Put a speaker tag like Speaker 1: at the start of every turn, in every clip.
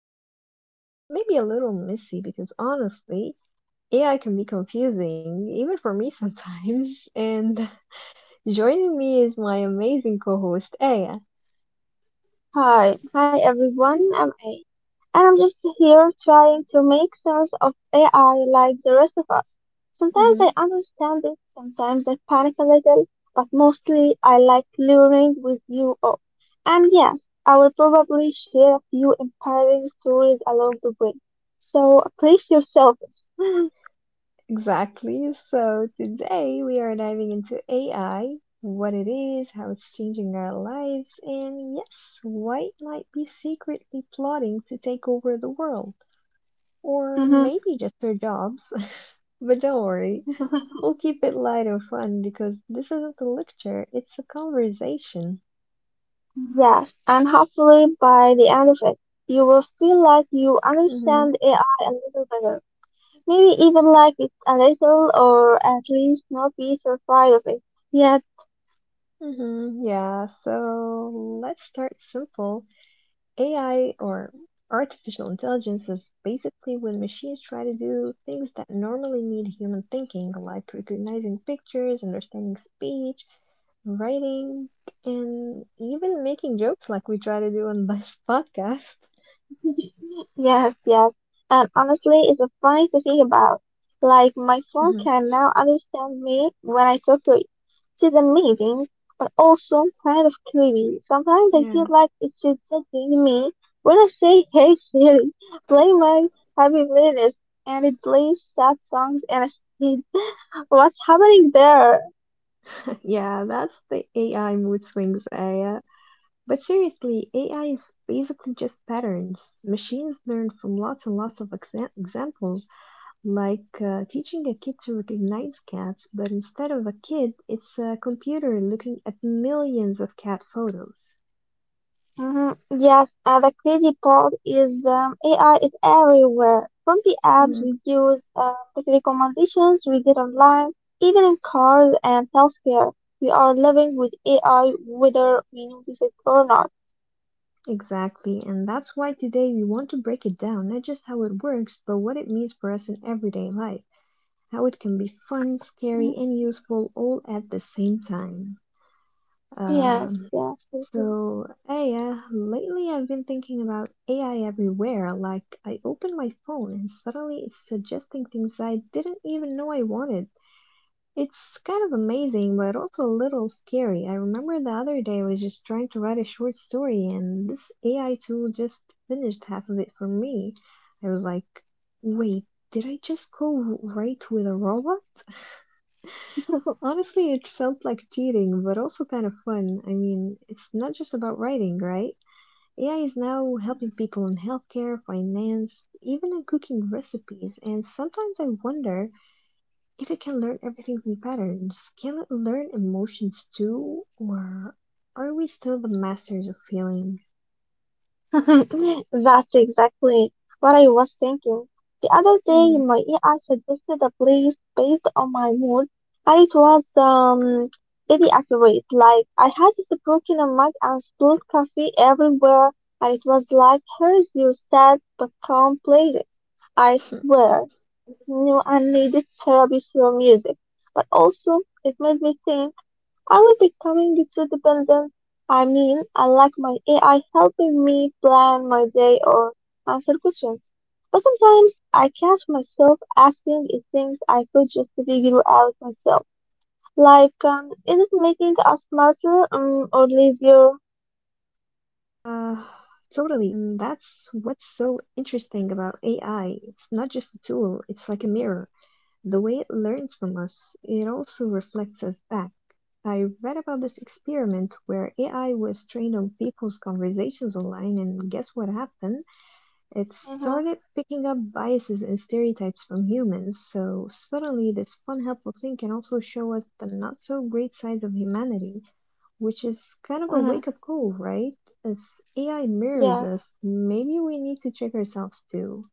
Speaker 1: Simple, maybe a little messy because honestly, AI can be confusing, even for me sometimes. And joining me is my amazing co host, Aya.
Speaker 2: Hi everyone. I'm A, and I'm just here trying to make sense of AI like the rest of us. Sometimes
Speaker 1: Mm-hmm.
Speaker 2: I understand it, sometimes I panic a little, but mostly I like learning with you all. And yes, I will probably share a few empowering stories along the way. So brace yourselves.
Speaker 1: Exactly. So today we are diving into AI, what it is, how it's changing our lives, and yes, why it might be secretly plotting to take over the world, or
Speaker 2: Mhm.
Speaker 1: maybe just our jobs. But don't worry, we'll keep it light and fun because this isn't a lecture, it's a conversation.
Speaker 2: Yes, and hopefully by the end of it, you will feel like you
Speaker 1: Mm-hmm.
Speaker 2: understand AI a little better. Maybe even like it a little, or at least not be terrified of it. Yes,
Speaker 1: Mm-hmm. Yeah, so let's start simple. AI or artificial intelligence is basically when machines try to do things that normally need human thinking, like recognizing pictures, understanding speech, writing, and even making jokes like we try to do on this podcast.
Speaker 2: yes. And honestly, it's a funny to think about. Like, my phone
Speaker 1: Mhm.
Speaker 2: can now understand me when I talk to it. It's the meeting, but also kind of creepy. Sometimes I feel
Speaker 1: Yeah.
Speaker 2: like it's should just me when I say, hey Siri, play my happy playlist, and it plays sad songs and I say, what's happening there?
Speaker 1: Yeah, that's the AI mood swings, Aya. But seriously, AI is basically just patterns. Machines learn from lots and lots of examples, like teaching a kid to recognize cats, but instead of a kid, it's a computer looking at millions of cat photos.
Speaker 2: Mhm. Yes, the crazy part is AI is everywhere. From the apps
Speaker 1: Mhm,
Speaker 2: we use, the recommendations we get online, even in cars and healthcare, we are living with AI whether we notice it or not.
Speaker 1: exactly, and that's why today we want to break it down, not just how it works, but what it means for us in everyday life. How it can be fun, scary,
Speaker 2: Mhm.
Speaker 1: and useful all at the same time.
Speaker 2: Yes,
Speaker 1: Um,
Speaker 2: yes. mhm.
Speaker 1: so, Aya, lately I've been thinking about AI everywhere. Like, I open my phone and suddenly it's suggesting things I didn't even know I wanted. It's kind of amazing, but also a little scary. I remember the other day I was just trying to write a short story, and this AI tool just finished half of it for me. I was like, wait, did I just go right with a robot? Honestly, it felt like cheating, but also kind of fun. I mean, it's not just about writing, right? AI is now helping people in healthcare, finance, even in cooking recipes, and sometimes I wonder if it can learn everything from patterns, can it learn emotions too? Or are we still the masters of feeling?
Speaker 2: That's exactly what I was thinking. The other
Speaker 1: Hmm.
Speaker 2: day, my AI suggested a place based on my mood, and it was pretty accurate. Like I had this broken a mug and spilled coffee everywhere, and it was like, "Here's your sad but calm playlist." I swear, it knew I needed therapy through music, but also it made me think. Are we becoming too dependent? I mean, I like my AI helping me plan my day or answer questions. But sometimes I catch myself asking it things I could just figure out myself. Like, is it
Speaker 1: Hmm.
Speaker 2: making us smarter, or lazier?
Speaker 1: Uh, totally. And that's what's so interesting about AI. It's not just a tool, it's like a mirror. The way it learns from us, it also reflects us back. I read about this experiment where AI was trained on people's conversations online, and guess what happened? It
Speaker 2: Mm-hmm,
Speaker 1: started picking up biases and stereotypes from humans, so suddenly this fun, helpful thing can also show us the not so great sides of humanity, which is kind of a
Speaker 2: mm-hmm,
Speaker 1: wake up call, right? If AI mirrors
Speaker 2: yeah.
Speaker 1: us, maybe we need to check ourselves too.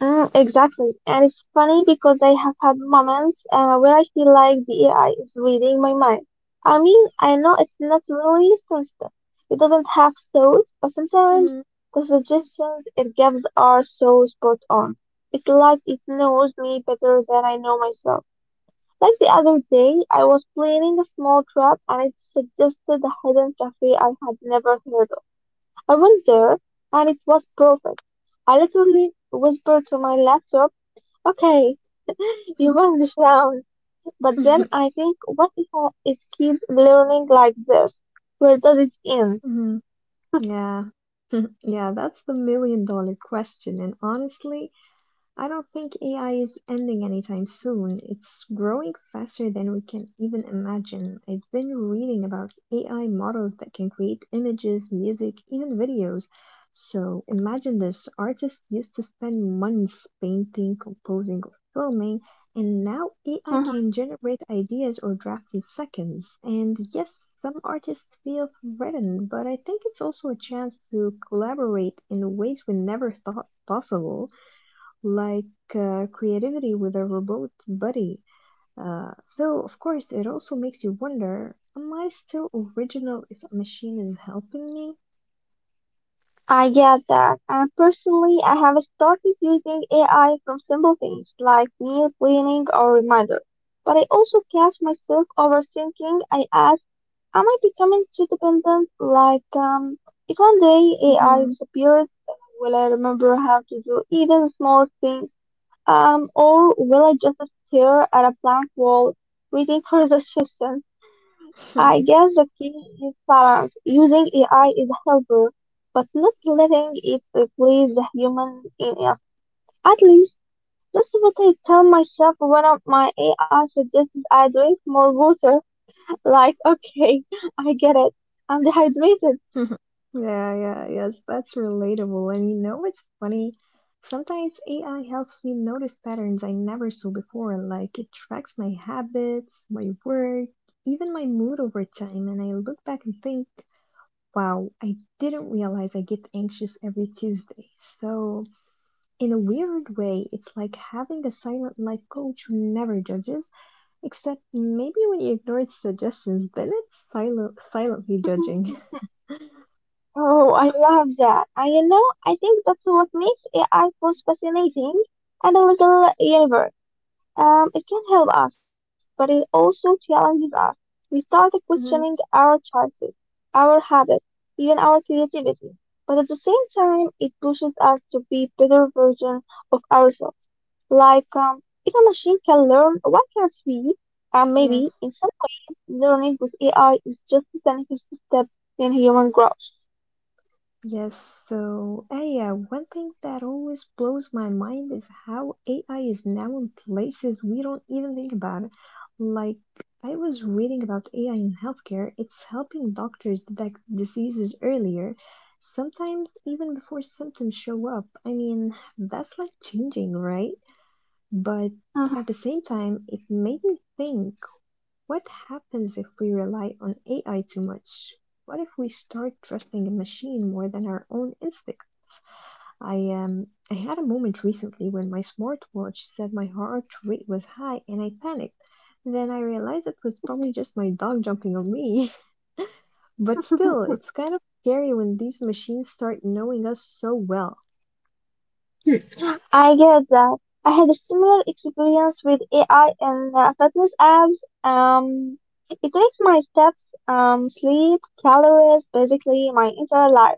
Speaker 2: Mm, exactly. And it's funny because I have had moments where I feel like the AI is reading my mind. I mean, I know it's not really sensitive. It doesn't have thoughts, but sometimes
Speaker 1: Mhm.
Speaker 2: the suggestions it gives are so spot on. It's like it knows me better than I know myself. Like the other day, I was planning a small trip and it suggested a hidden cafe I had never heard of. I went there and it was perfect. I literally whispered to my laptop, okay, you won this round. But then
Speaker 1: Mhm.
Speaker 2: I think, what if it keeps learning like this? Where does it end?
Speaker 1: Mhm. Yeah. Yeah, that's the million dollar question, and honestly, I don't think AI is ending anytime soon. It's growing faster than we can even imagine. I've been reading about AI models that can create images, music, even videos. So imagine this, artists used to spend months painting, composing, or filming, and now AI can
Speaker 2: Hmm.
Speaker 1: generate ideas or drafts in seconds. And yes, some artists feel threatened, but I think it's also a chance to collaborate in ways we never thought possible, like creativity with a robot buddy. So, of course, it also makes you wonder, am I still original if a machine is helping me?
Speaker 2: I get that. And personally, I have started using AI from simple things like meal planning or reminder. But I also catch myself overthinking. I ask, am I becoming too dependent? Like, if one day AI
Speaker 1: Mhm.
Speaker 2: disappears, will I remember how to do even small things? Or will I just stare at a blank wall waiting for the suggestion? I guess the key is balance. Using AI is a helper, but not letting it replace the human in us. At least that's what I tell myself when my AI suggested I drink more water. Like, okay, I get it. I'm dehydrated.
Speaker 1: Yeah, yeah, yes, that's relatable. And you know what's funny? Sometimes AI helps me notice patterns I never saw before, like it tracks my habits, my work, even my mood over time, and I look back and think, wow, I didn't realize I get anxious every Tuesday. So in a weird way, it's like having a silent life coach who never judges, except maybe when you ignore its suggestions, then it's silent, silently judging.
Speaker 2: Oh, I love that. And you know, I think that's what makes AI most fascinating and a little universe. It can help us, but it also challenges us. We start questioning
Speaker 1: Hmm.
Speaker 2: our choices, our habits, even our creativity. But at the same time, it pushes us to be better version of ourselves. Like, if a machine can learn, why can't we? And maybe,
Speaker 1: Yes.
Speaker 2: in some ways, learning with AI is just the next step in human growth.
Speaker 1: Yes, so hey, yeah, one thing that always blows my mind is how AI is now in places we don't even think about. Like, I was reading about AI in healthcare, it's helping doctors detect diseases earlier, sometimes even before symptoms show up. I mean, that's like changing, right? But
Speaker 2: Mhm.
Speaker 1: at the same time, it made me think, what happens if we rely on AI too much? What if we start trusting a machine more than our own instincts? I had a moment recently when my smartwatch said my heart rate was high and I panicked. Then I realized it was probably just my dog jumping on me. But still, it's kind of scary when these machines start knowing us so well.
Speaker 2: I get that. I had a similar experience with AI and fitness apps. It tracks my steps, sleep, calories, basically my entire life.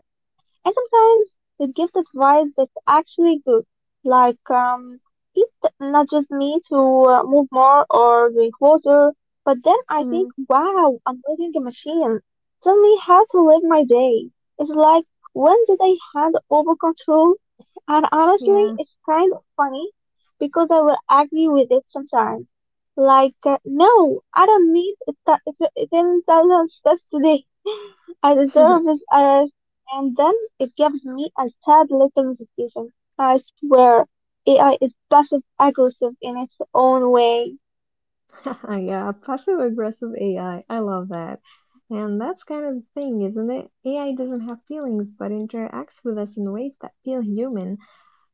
Speaker 2: And sometimes it gives advice that's actually good, like it nudges me to move more or drink water. But then I think,
Speaker 1: Mm,
Speaker 2: wow, I'm building a machine. Tell me how to live my day. It's like, when did I hand over control? And honestly,
Speaker 1: yeah.
Speaker 2: it's kind of funny because I will agree with it sometimes. Like, no, I don't need a 10,000 steps today. I deserve this arrest, and then it gives me a sad little notification. I swear, AI is passive aggressive in its own way.
Speaker 1: Yeah, passive aggressive AI. I love that. And that's kind of the thing, isn't it? AI doesn't have feelings but interacts with us in ways that feel human.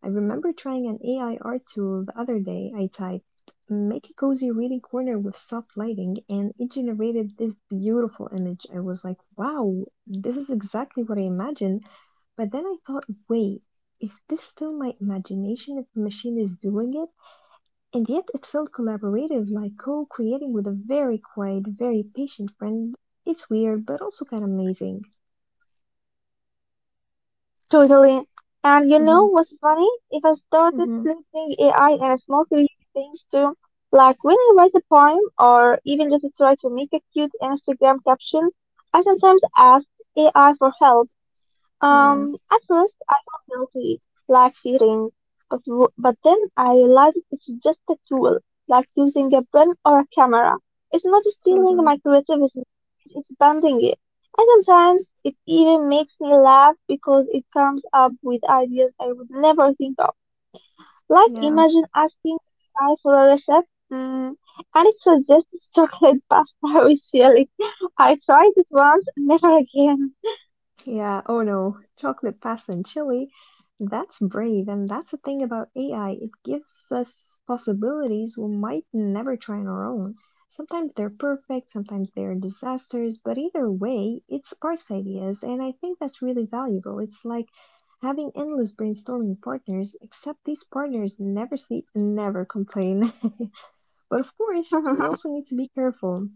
Speaker 1: I remember trying an AI art tool the other day. I typed, make a cozy reading corner with soft lighting, and it generated this beautiful image. I was like, wow, this is exactly what I imagined. But then I thought, wait, is this still my imagination if the machine is doing it? And yet it felt collaborative, like co-creating with a very quiet, very patient friend. It's weird, but also kind of amazing.
Speaker 2: Totally. And you know what's
Speaker 1: Mm.
Speaker 2: funny?
Speaker 1: Mhm.
Speaker 2: If I started
Speaker 1: Mm.
Speaker 2: listening
Speaker 1: Mhm.
Speaker 2: AI in a small creative things too, like when I write a poem or even just try to make a cute Instagram caption, I sometimes ask AI for help.
Speaker 1: Yeah.
Speaker 2: At first, I felt guilty, like cheating, but then I realized it's just a tool, like using a pen or a camera. It's not stealing
Speaker 1: Totally.
Speaker 2: my creativity; it's expanding it. And sometimes it even makes me laugh because it comes up with ideas I would never think of. Like
Speaker 1: Yeah.
Speaker 2: imagine asking AI for a recipe, mm, and it suggests chocolate pasta with chili. I tried it once, never again.
Speaker 1: Yeah, oh no, chocolate pasta and chili. That's brave, and that's the thing about AI. It gives us possibilities we might never try on our own. Sometimes they're perfect, sometimes they're disasters, but either way, it sparks ideas, and I think that's really valuable. It's like having endless brainstorming partners, except these partners never sleep and never complain. But of course, we also need to be careful.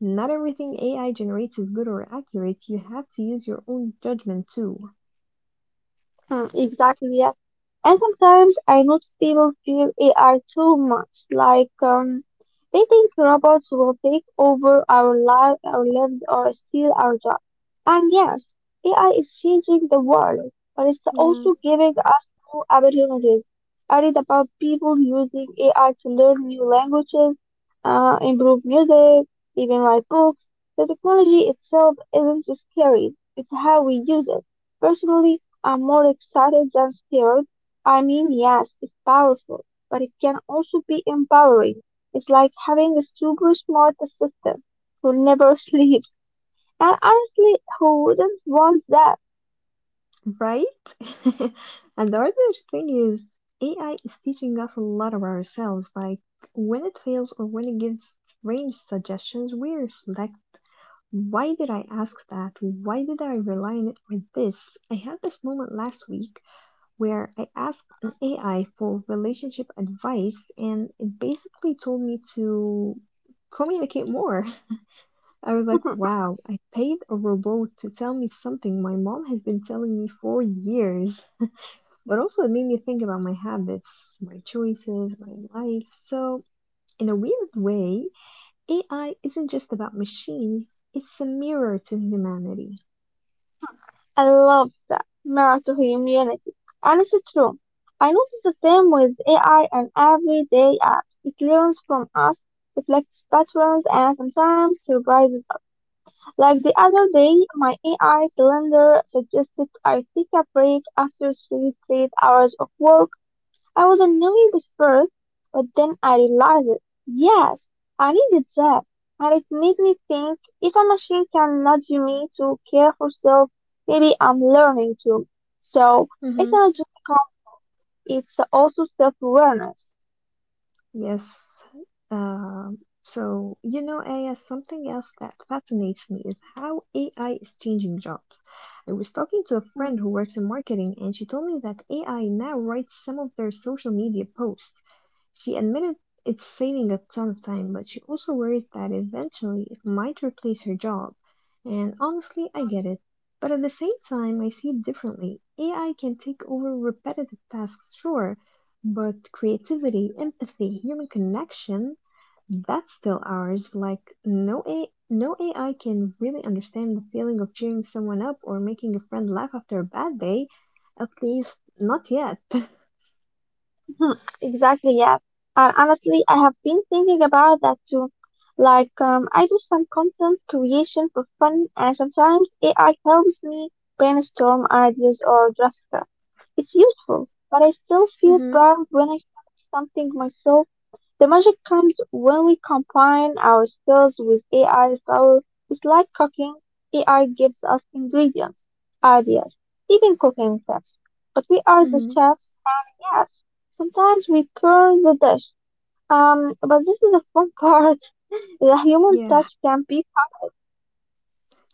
Speaker 1: Not everything AI generates is good or accurate. You have to use your own judgment too.
Speaker 2: Hmm, exactly, yeah. And sometimes I notice people fear AI too much. Like, they think robots will take over our lives, or steal our jobs. And yes, AI is changing the world, but it's
Speaker 1: Yeah,
Speaker 2: also giving us new opportunities. I read about people using AI to learn new languages, improve music, even write books. The technology itself isn't scary; it's how we use it. Personally, I'm more excited than scared. I mean, yes, it's powerful, but it can also be empowering. It's like having a super smart assistant who never sleeps, and honestly, who wouldn't want that?
Speaker 1: right? And the other thing is, AI is teaching us a lot of ourselves. Like when it fails or when it gives strange suggestions, we reflect, why did I ask that? Why did I rely on it for this? I had this moment last week where I asked an
Speaker 2: Mhm.
Speaker 1: AI for relationship advice and it basically told me to communicate more. I was like, wow, I paid a robot to tell me something my mom has been telling me for years. But also, it made me think about my habits, my choices, my life. So, in a weird way, AI isn't just about machines, it's a mirror to humanity.
Speaker 2: I love that. Mirror to humanity. Honestly, true. I notice the same with AI and everyday apps. It learns from us, reflects patterns, and sometimes surprises. Like the other day, my AI cylinder suggested I take a break after three straight hours of work. I was annoyed at first, but then I realized, yes, I needed that. And it made me think, if a machine can nudge me to care for self, maybe I'm learning to. So it's
Speaker 1: Mhm.
Speaker 2: not just a comfort, it's also self-awareness.
Speaker 1: Yes. So, you know, Aya, something else that fascinates me is how AI is changing jobs. I was talking to a
Speaker 2: Mhm,
Speaker 1: friend who works in marketing, and she told me that AI now writes some of their social media posts. She admitted it's saving a ton of time, but she also worries that eventually it might replace her job. And honestly, I
Speaker 2: mhm,
Speaker 1: get it. But at the same time, I see it differently. AI can take over repetitive tasks, sure, but creativity,
Speaker 2: yeah.
Speaker 1: empathy, human connection, that's still ours. Like no AI can really understand the feeling of cheering someone up or making a friend laugh after a bad day. At least not yet.
Speaker 2: Hmm, exactly, yeah. And honestly, I have been thinking about that too. Like, I do some content creation for fun, and sometimes AI helps me brainstorm ideas or draft stuff. It's useful, but I still feel
Speaker 1: Mhm.
Speaker 2: proud when I finish something myself. The magic comes when we combine our skills with AI style. It's like cooking. AI gives us ingredients, ideas, even cooking tips. But we are the
Speaker 1: Mhm.
Speaker 2: chefs, and yes, sometimes we burn the dish. But this is a fun part. The human
Speaker 1: Yeah.
Speaker 2: touch can be covered.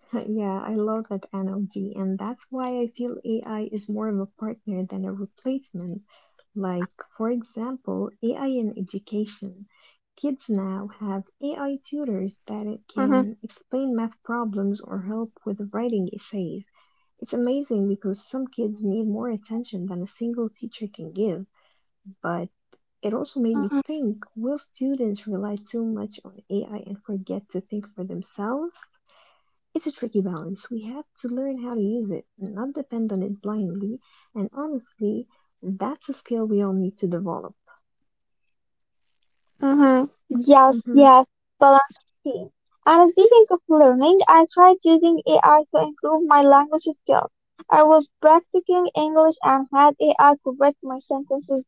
Speaker 1: Yeah, I love that analogy, and that's why I feel AI is more of a partner than a replacement. Like, for example, AI in education.
Speaker 2: hmm
Speaker 1: Kids now have AI tutors that it can explain math problems or help with writing essays. It's amazing because some
Speaker 2: Yeah.
Speaker 1: kids need more attention than a single teacher can give, but it
Speaker 2: hmm
Speaker 1: also made me think, will students rely too much on AI and forget to think for themselves? It's a tricky balance. We have to learn how to use it, not depend on it blindly, and honestly, that's a skill we all need to develop.
Speaker 2: Mm-hmm. Yes,
Speaker 1: Mm-hmm.
Speaker 2: yes, balance is key. And speaking of learning, I tried using AI to improve my language skills. I was practicing English and had AI correct my sentences.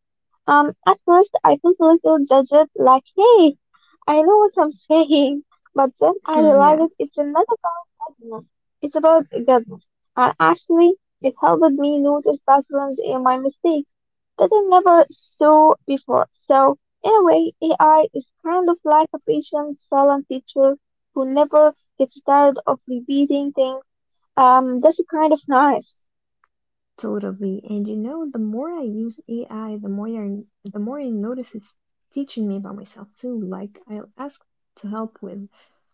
Speaker 2: At first, I felt a little judged, like, hey, I know what I'm saying, but then I
Speaker 1: Yeah.
Speaker 2: realized it's not about judgment. It's about goodness. And actually, it helped me notice patterns in my mistakes that I never saw before. So, in a way, AI is kind of like a patient, silent teacher who never gets tired of repeating things. That's kind of nice.
Speaker 1: Totally. And you know, the more I use AI, the more I notice it's teaching me about myself too. Like I'll ask to help with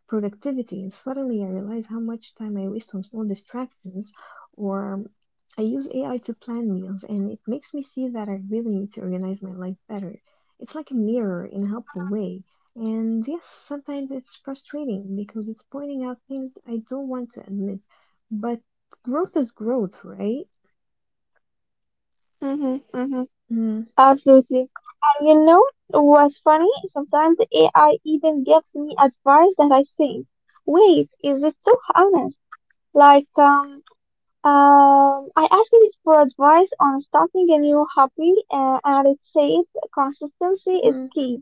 Speaker 1: productivity, and suddenly I realize how much time I waste on small distractions. Or I use AI to plan meals, and it makes me see that I really need to organize my life better. It's like a mirror in a helpful
Speaker 2: Mm-hmm,
Speaker 1: way. And yes, sometimes it's frustrating because it's pointing out things I don't want to admit. But growth is growth, right?
Speaker 2: mm-hmm,
Speaker 1: Mm,
Speaker 2: Absolutely. And you know what's funny? Sometimes the AI even gives me advice that I think, wait, is it too honest? Like, I asked it for advice on starting a new hobby, and it said consistency is
Speaker 1: mhm,
Speaker 2: key.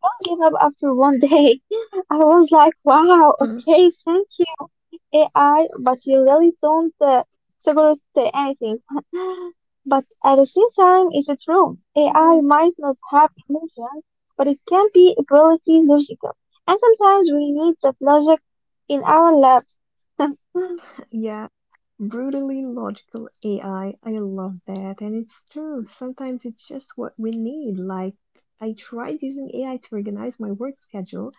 Speaker 2: Don't give up after one day. I was like, wow,
Speaker 1: hmm,
Speaker 2: okay, thank you, AI, but you really don't separate anything. But at the same time, it's true. AI
Speaker 1: mhm.
Speaker 2: might not have emotions, but it can be ability logical. And sometimes we need that logic in our labs.
Speaker 1: Yeah, brutally logical AI. I love that. And it's true.
Speaker 2: Mm,
Speaker 1: Sometimes it's just what we need. Like, I tried using AI to
Speaker 2: yeah.
Speaker 1: organize my work schedule,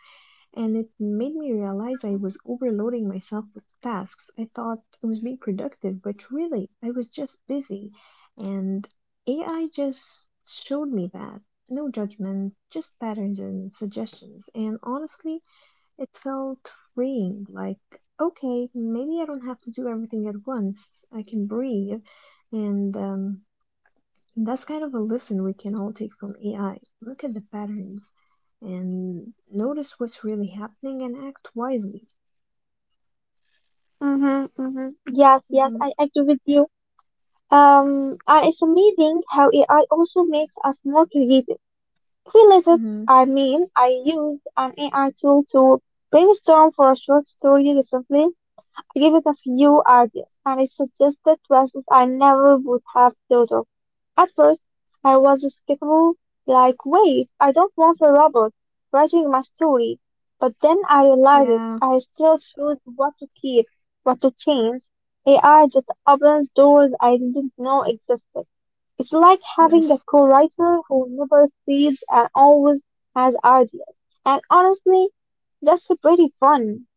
Speaker 1: and it made me realize I was overloading myself with tasks. I thought I was being productive, but really, I was just busy. And AI just showed me that. No judgment, just patterns and suggestions. And honestly, it felt freeing, like, okay, maybe I don't have to do everything at once. I can breathe. And that's kind of a lesson we can all take from AI. Look at the patterns and notice what's really happening and act wisely.
Speaker 2: Mm-hmm. Yes,
Speaker 1: Mm-hmm.
Speaker 2: I agree with you. And it's amazing how AI also makes us more creative. He later,
Speaker 1: Mm-hmm.
Speaker 2: I mean, I used an AI tool to brainstorm for a short story recently. I gave it a few ideas, and it suggested places I never would have thought of. At first, I was skeptical, like, wait, I don't want a robot writing my story. But then I realized it.
Speaker 1: Yeah.
Speaker 2: I still choose what to keep, what to change. AI just opens doors I didn't know existed. It's like having a
Speaker 1: Yes.
Speaker 2: co-writer who never sleeps and always has ideas. And honestly, that's pretty fun.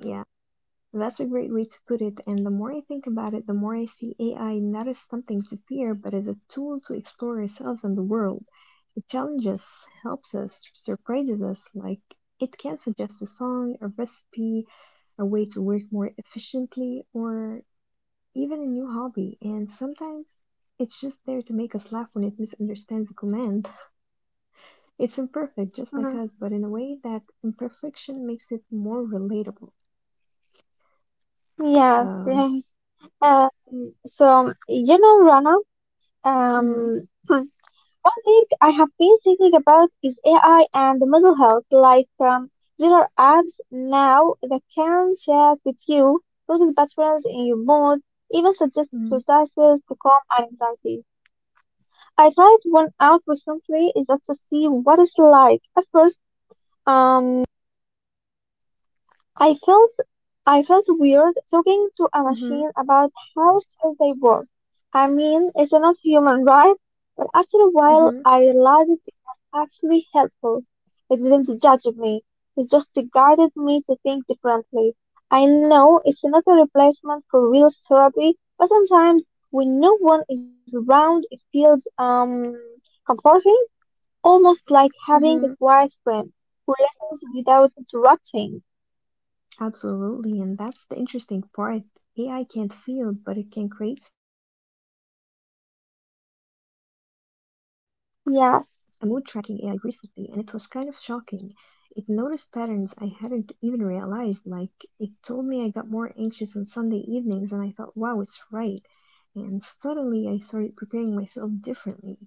Speaker 1: Yeah. That's a great way to put it, and the more I think about it, the more I see AI not as something to fear, but as a tool to explore ourselves and the world. It challenges us, helps us, surprises us, like it can suggest a song, a recipe, a way to work more efficiently, or even a new hobby, and sometimes it's just there to make us laugh when it misunderstands the command. It's imperfect, just like
Speaker 2: Mhm.
Speaker 1: us, but in a way that imperfection makes it more relatable.
Speaker 2: Yes,
Speaker 1: Um,
Speaker 2: yes. So, you know, Rana,
Speaker 1: hmm
Speaker 2: um, one thing I have been thinking about is AI and mental health. Like, there are apps now that can chat with you, notice patterns in your mood, even suggest exercises to calm anxiety. I tried one out recently just to see what it's like. At first, um, I felt I felt weird talking to a
Speaker 1: hmm
Speaker 2: machine about how stressed they was. I mean, it's not human, right? But after a while,
Speaker 1: Mm-hmm.
Speaker 2: I realized it was actually helpful. It didn't judge me. It just guided me to think differently. I know it's not a replacement for real therapy, but sometimes when no one is around, it feels comforting. Almost like having a
Speaker 1: Mm-hmm.
Speaker 2: quiet friend who listens without interrupting.
Speaker 1: Absolutely, and that's the interesting part. AI can't feel, but it can create space for us to reflect. I tried a mood
Speaker 2: Yes.
Speaker 1: tracking AI recently, and it was kind of shocking. It noticed patterns I hadn't even realized. Like it told me I got more anxious on Sunday evenings, and I thought, wow, it's right. And suddenly I started preparing myself differently,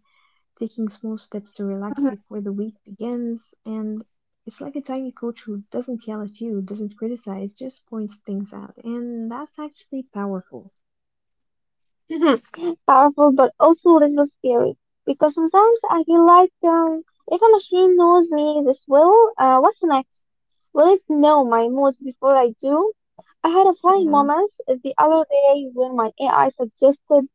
Speaker 1: taking small steps to relax
Speaker 2: Mm-hmm.
Speaker 1: before the week begins. And it's like a tiny coach who doesn't yell at you, doesn't criticize, just points things out. And that's actually powerful,
Speaker 2: Powerful, but also a little scary. Because sometimes I feel like if a machine knows me this well, what's next? Will it know my mood before I do? I had a
Speaker 1: you
Speaker 2: funny
Speaker 1: know?
Speaker 2: moment the other day when my AI suggested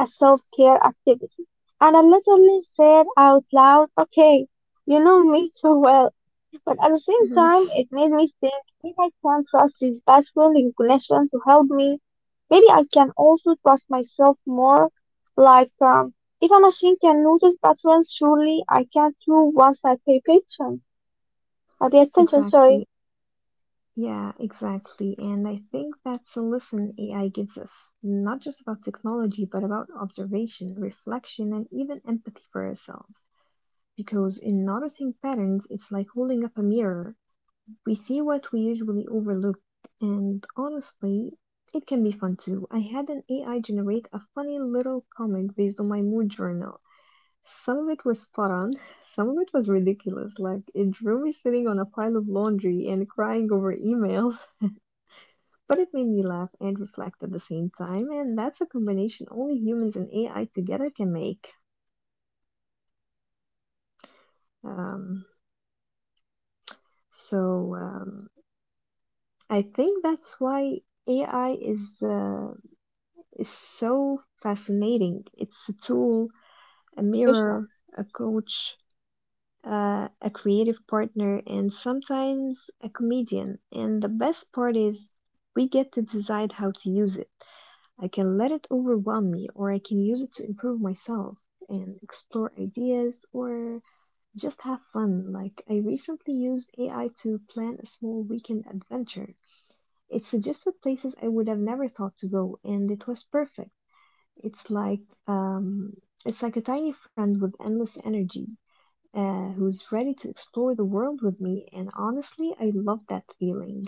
Speaker 2: a self-care activity, and I literally said out loud, "Okay, you know me too well." But at the same
Speaker 1: hmm
Speaker 2: time, it made me think, if I can trust his pattern connection to help me, maybe I can also trust myself more. Like, if a machine can notice patterns, surely I can too once I pay attention. I pay attention, sorry.
Speaker 1: Exactly. Yeah, exactly. And I think that's a lesson AI gives us, not just about technology, but about observation, reflection, and even empathy for ourselves. Because in noticing patterns, it's like holding up a mirror. We see what we usually overlook, and honestly, it can be fun too. I had an AI generate a funny little comic based on my mood journal. Some of it was spot on, some of it was ridiculous. Like it drew me sitting on a pile of laundry and
Speaker 2: mm
Speaker 1: crying over
Speaker 2: I
Speaker 1: emails,
Speaker 2: love that. And it's
Speaker 1: but it made
Speaker 2: true.
Speaker 1: me laugh
Speaker 2: AI
Speaker 1: and
Speaker 2: gives
Speaker 1: reflect
Speaker 2: us
Speaker 1: at the
Speaker 2: this
Speaker 1: same time,
Speaker 2: playful
Speaker 1: and that's a
Speaker 2: way to
Speaker 1: combination only
Speaker 2: explore
Speaker 1: humans and
Speaker 2: ourselves.
Speaker 1: AI
Speaker 2: Like,
Speaker 1: together can
Speaker 2: it
Speaker 1: make.
Speaker 2: doesn't have to be serious all the time. I tried an
Speaker 1: Um,
Speaker 2: AI to generate some
Speaker 1: so
Speaker 2: motivational
Speaker 1: um,
Speaker 2: quotes for me,
Speaker 1: I
Speaker 2: and
Speaker 1: think
Speaker 2: some of
Speaker 1: that's
Speaker 2: them
Speaker 1: why
Speaker 2: were hilarious.
Speaker 1: AI
Speaker 2: Oh, she said, dance
Speaker 1: is
Speaker 2: with your
Speaker 1: so
Speaker 2: reflection
Speaker 1: fascinating. It's a
Speaker 2: to
Speaker 1: tool,
Speaker 2: unlock
Speaker 1: a
Speaker 2: your passion.
Speaker 1: mirror, a
Speaker 2: I had no
Speaker 1: coach,
Speaker 2: idea. Yes,
Speaker 1: a creative
Speaker 2: yes.
Speaker 1: partner, and sometimes a comedian. And the best part is we get to decide how to use it. I can let it overwhelm me,
Speaker 2: Mhm,
Speaker 1: or I can use it to improve myself and explore ideas
Speaker 2: mhm.
Speaker 1: or just have fun. Like, I recently used AI to plan a small weekend adventure. It suggested places I would have never thought to go, and it was perfect. It's like um,
Speaker 2: mhm.
Speaker 1: it's like a tiny friend with endless energy who's ready to explore the world with me, and honestly, I love that feeling.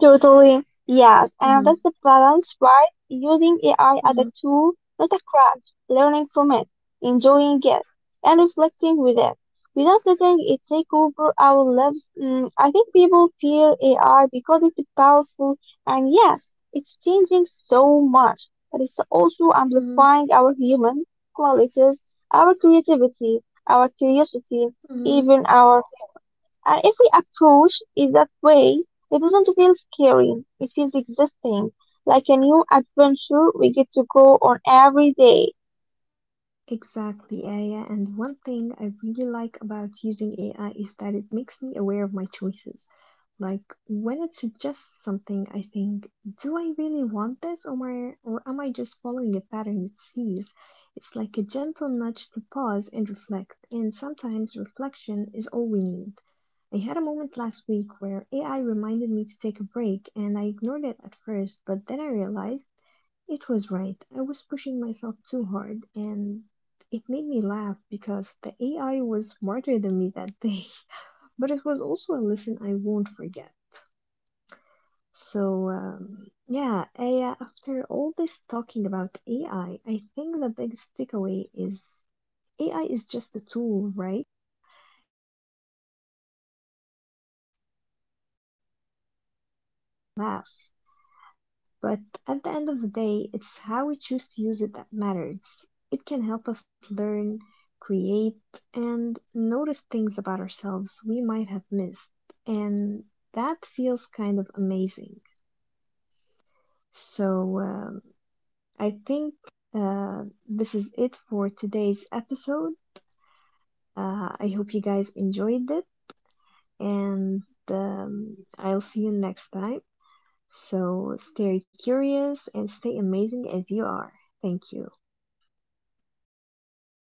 Speaker 2: Totally. Yes, and that's
Speaker 1: hmm
Speaker 2: the balance, right? Using AI as a
Speaker 1: hmm
Speaker 2: tool, not a crutch, learning from it, enjoying it, and reflecting with it. Without letting it take over our lives, I think people fear AI because it's powerful and yes, it's changing so much, but it's also
Speaker 1: hmm
Speaker 2: amplifying our human qualities, our creativity, our curiosity,
Speaker 1: hmm
Speaker 2: even our humor. And if we approach it that way, it doesn't feel scary, it feels existing, like a new adventure we get to go on every day.
Speaker 1: Exactly, Aya. And one thing I really like about using AI is that it makes me aware of my choices. Like when it suggests something, I think, do I really want this or am I just following a pattern it sees? It's like a gentle nudge to pause and reflect, and sometimes reflection is all we need. I had a moment last week
Speaker 2: Yes,
Speaker 1: where
Speaker 2: for
Speaker 1: AI
Speaker 2: sure,
Speaker 1: reminded
Speaker 2: yes.
Speaker 1: me to take a break, and I ignored it at first, but then I realized it was right. I was pushing myself too hard, and it made me laugh because the AI was smarter than me that day, but it was also a lesson I won't forget. So, yeah, after all this talking about AI, I think the biggest takeaway is AI is just a tool, right? Laugh, but at the end of the day, it's how we choose to use it that matters. It can help us learn, create, and notice things about ourselves we might have missed, and that feels kind of amazing. So, I think this is it for today's episode. I hope you guys enjoyed it, and I'll see you next time. So stay
Speaker 2: Yes,
Speaker 1: curious and
Speaker 2: goodbye.
Speaker 1: stay amazing as you
Speaker 2: Goodbye,
Speaker 1: are.
Speaker 2: Rana.
Speaker 1: Thank
Speaker 2: See you
Speaker 1: you.
Speaker 2: later.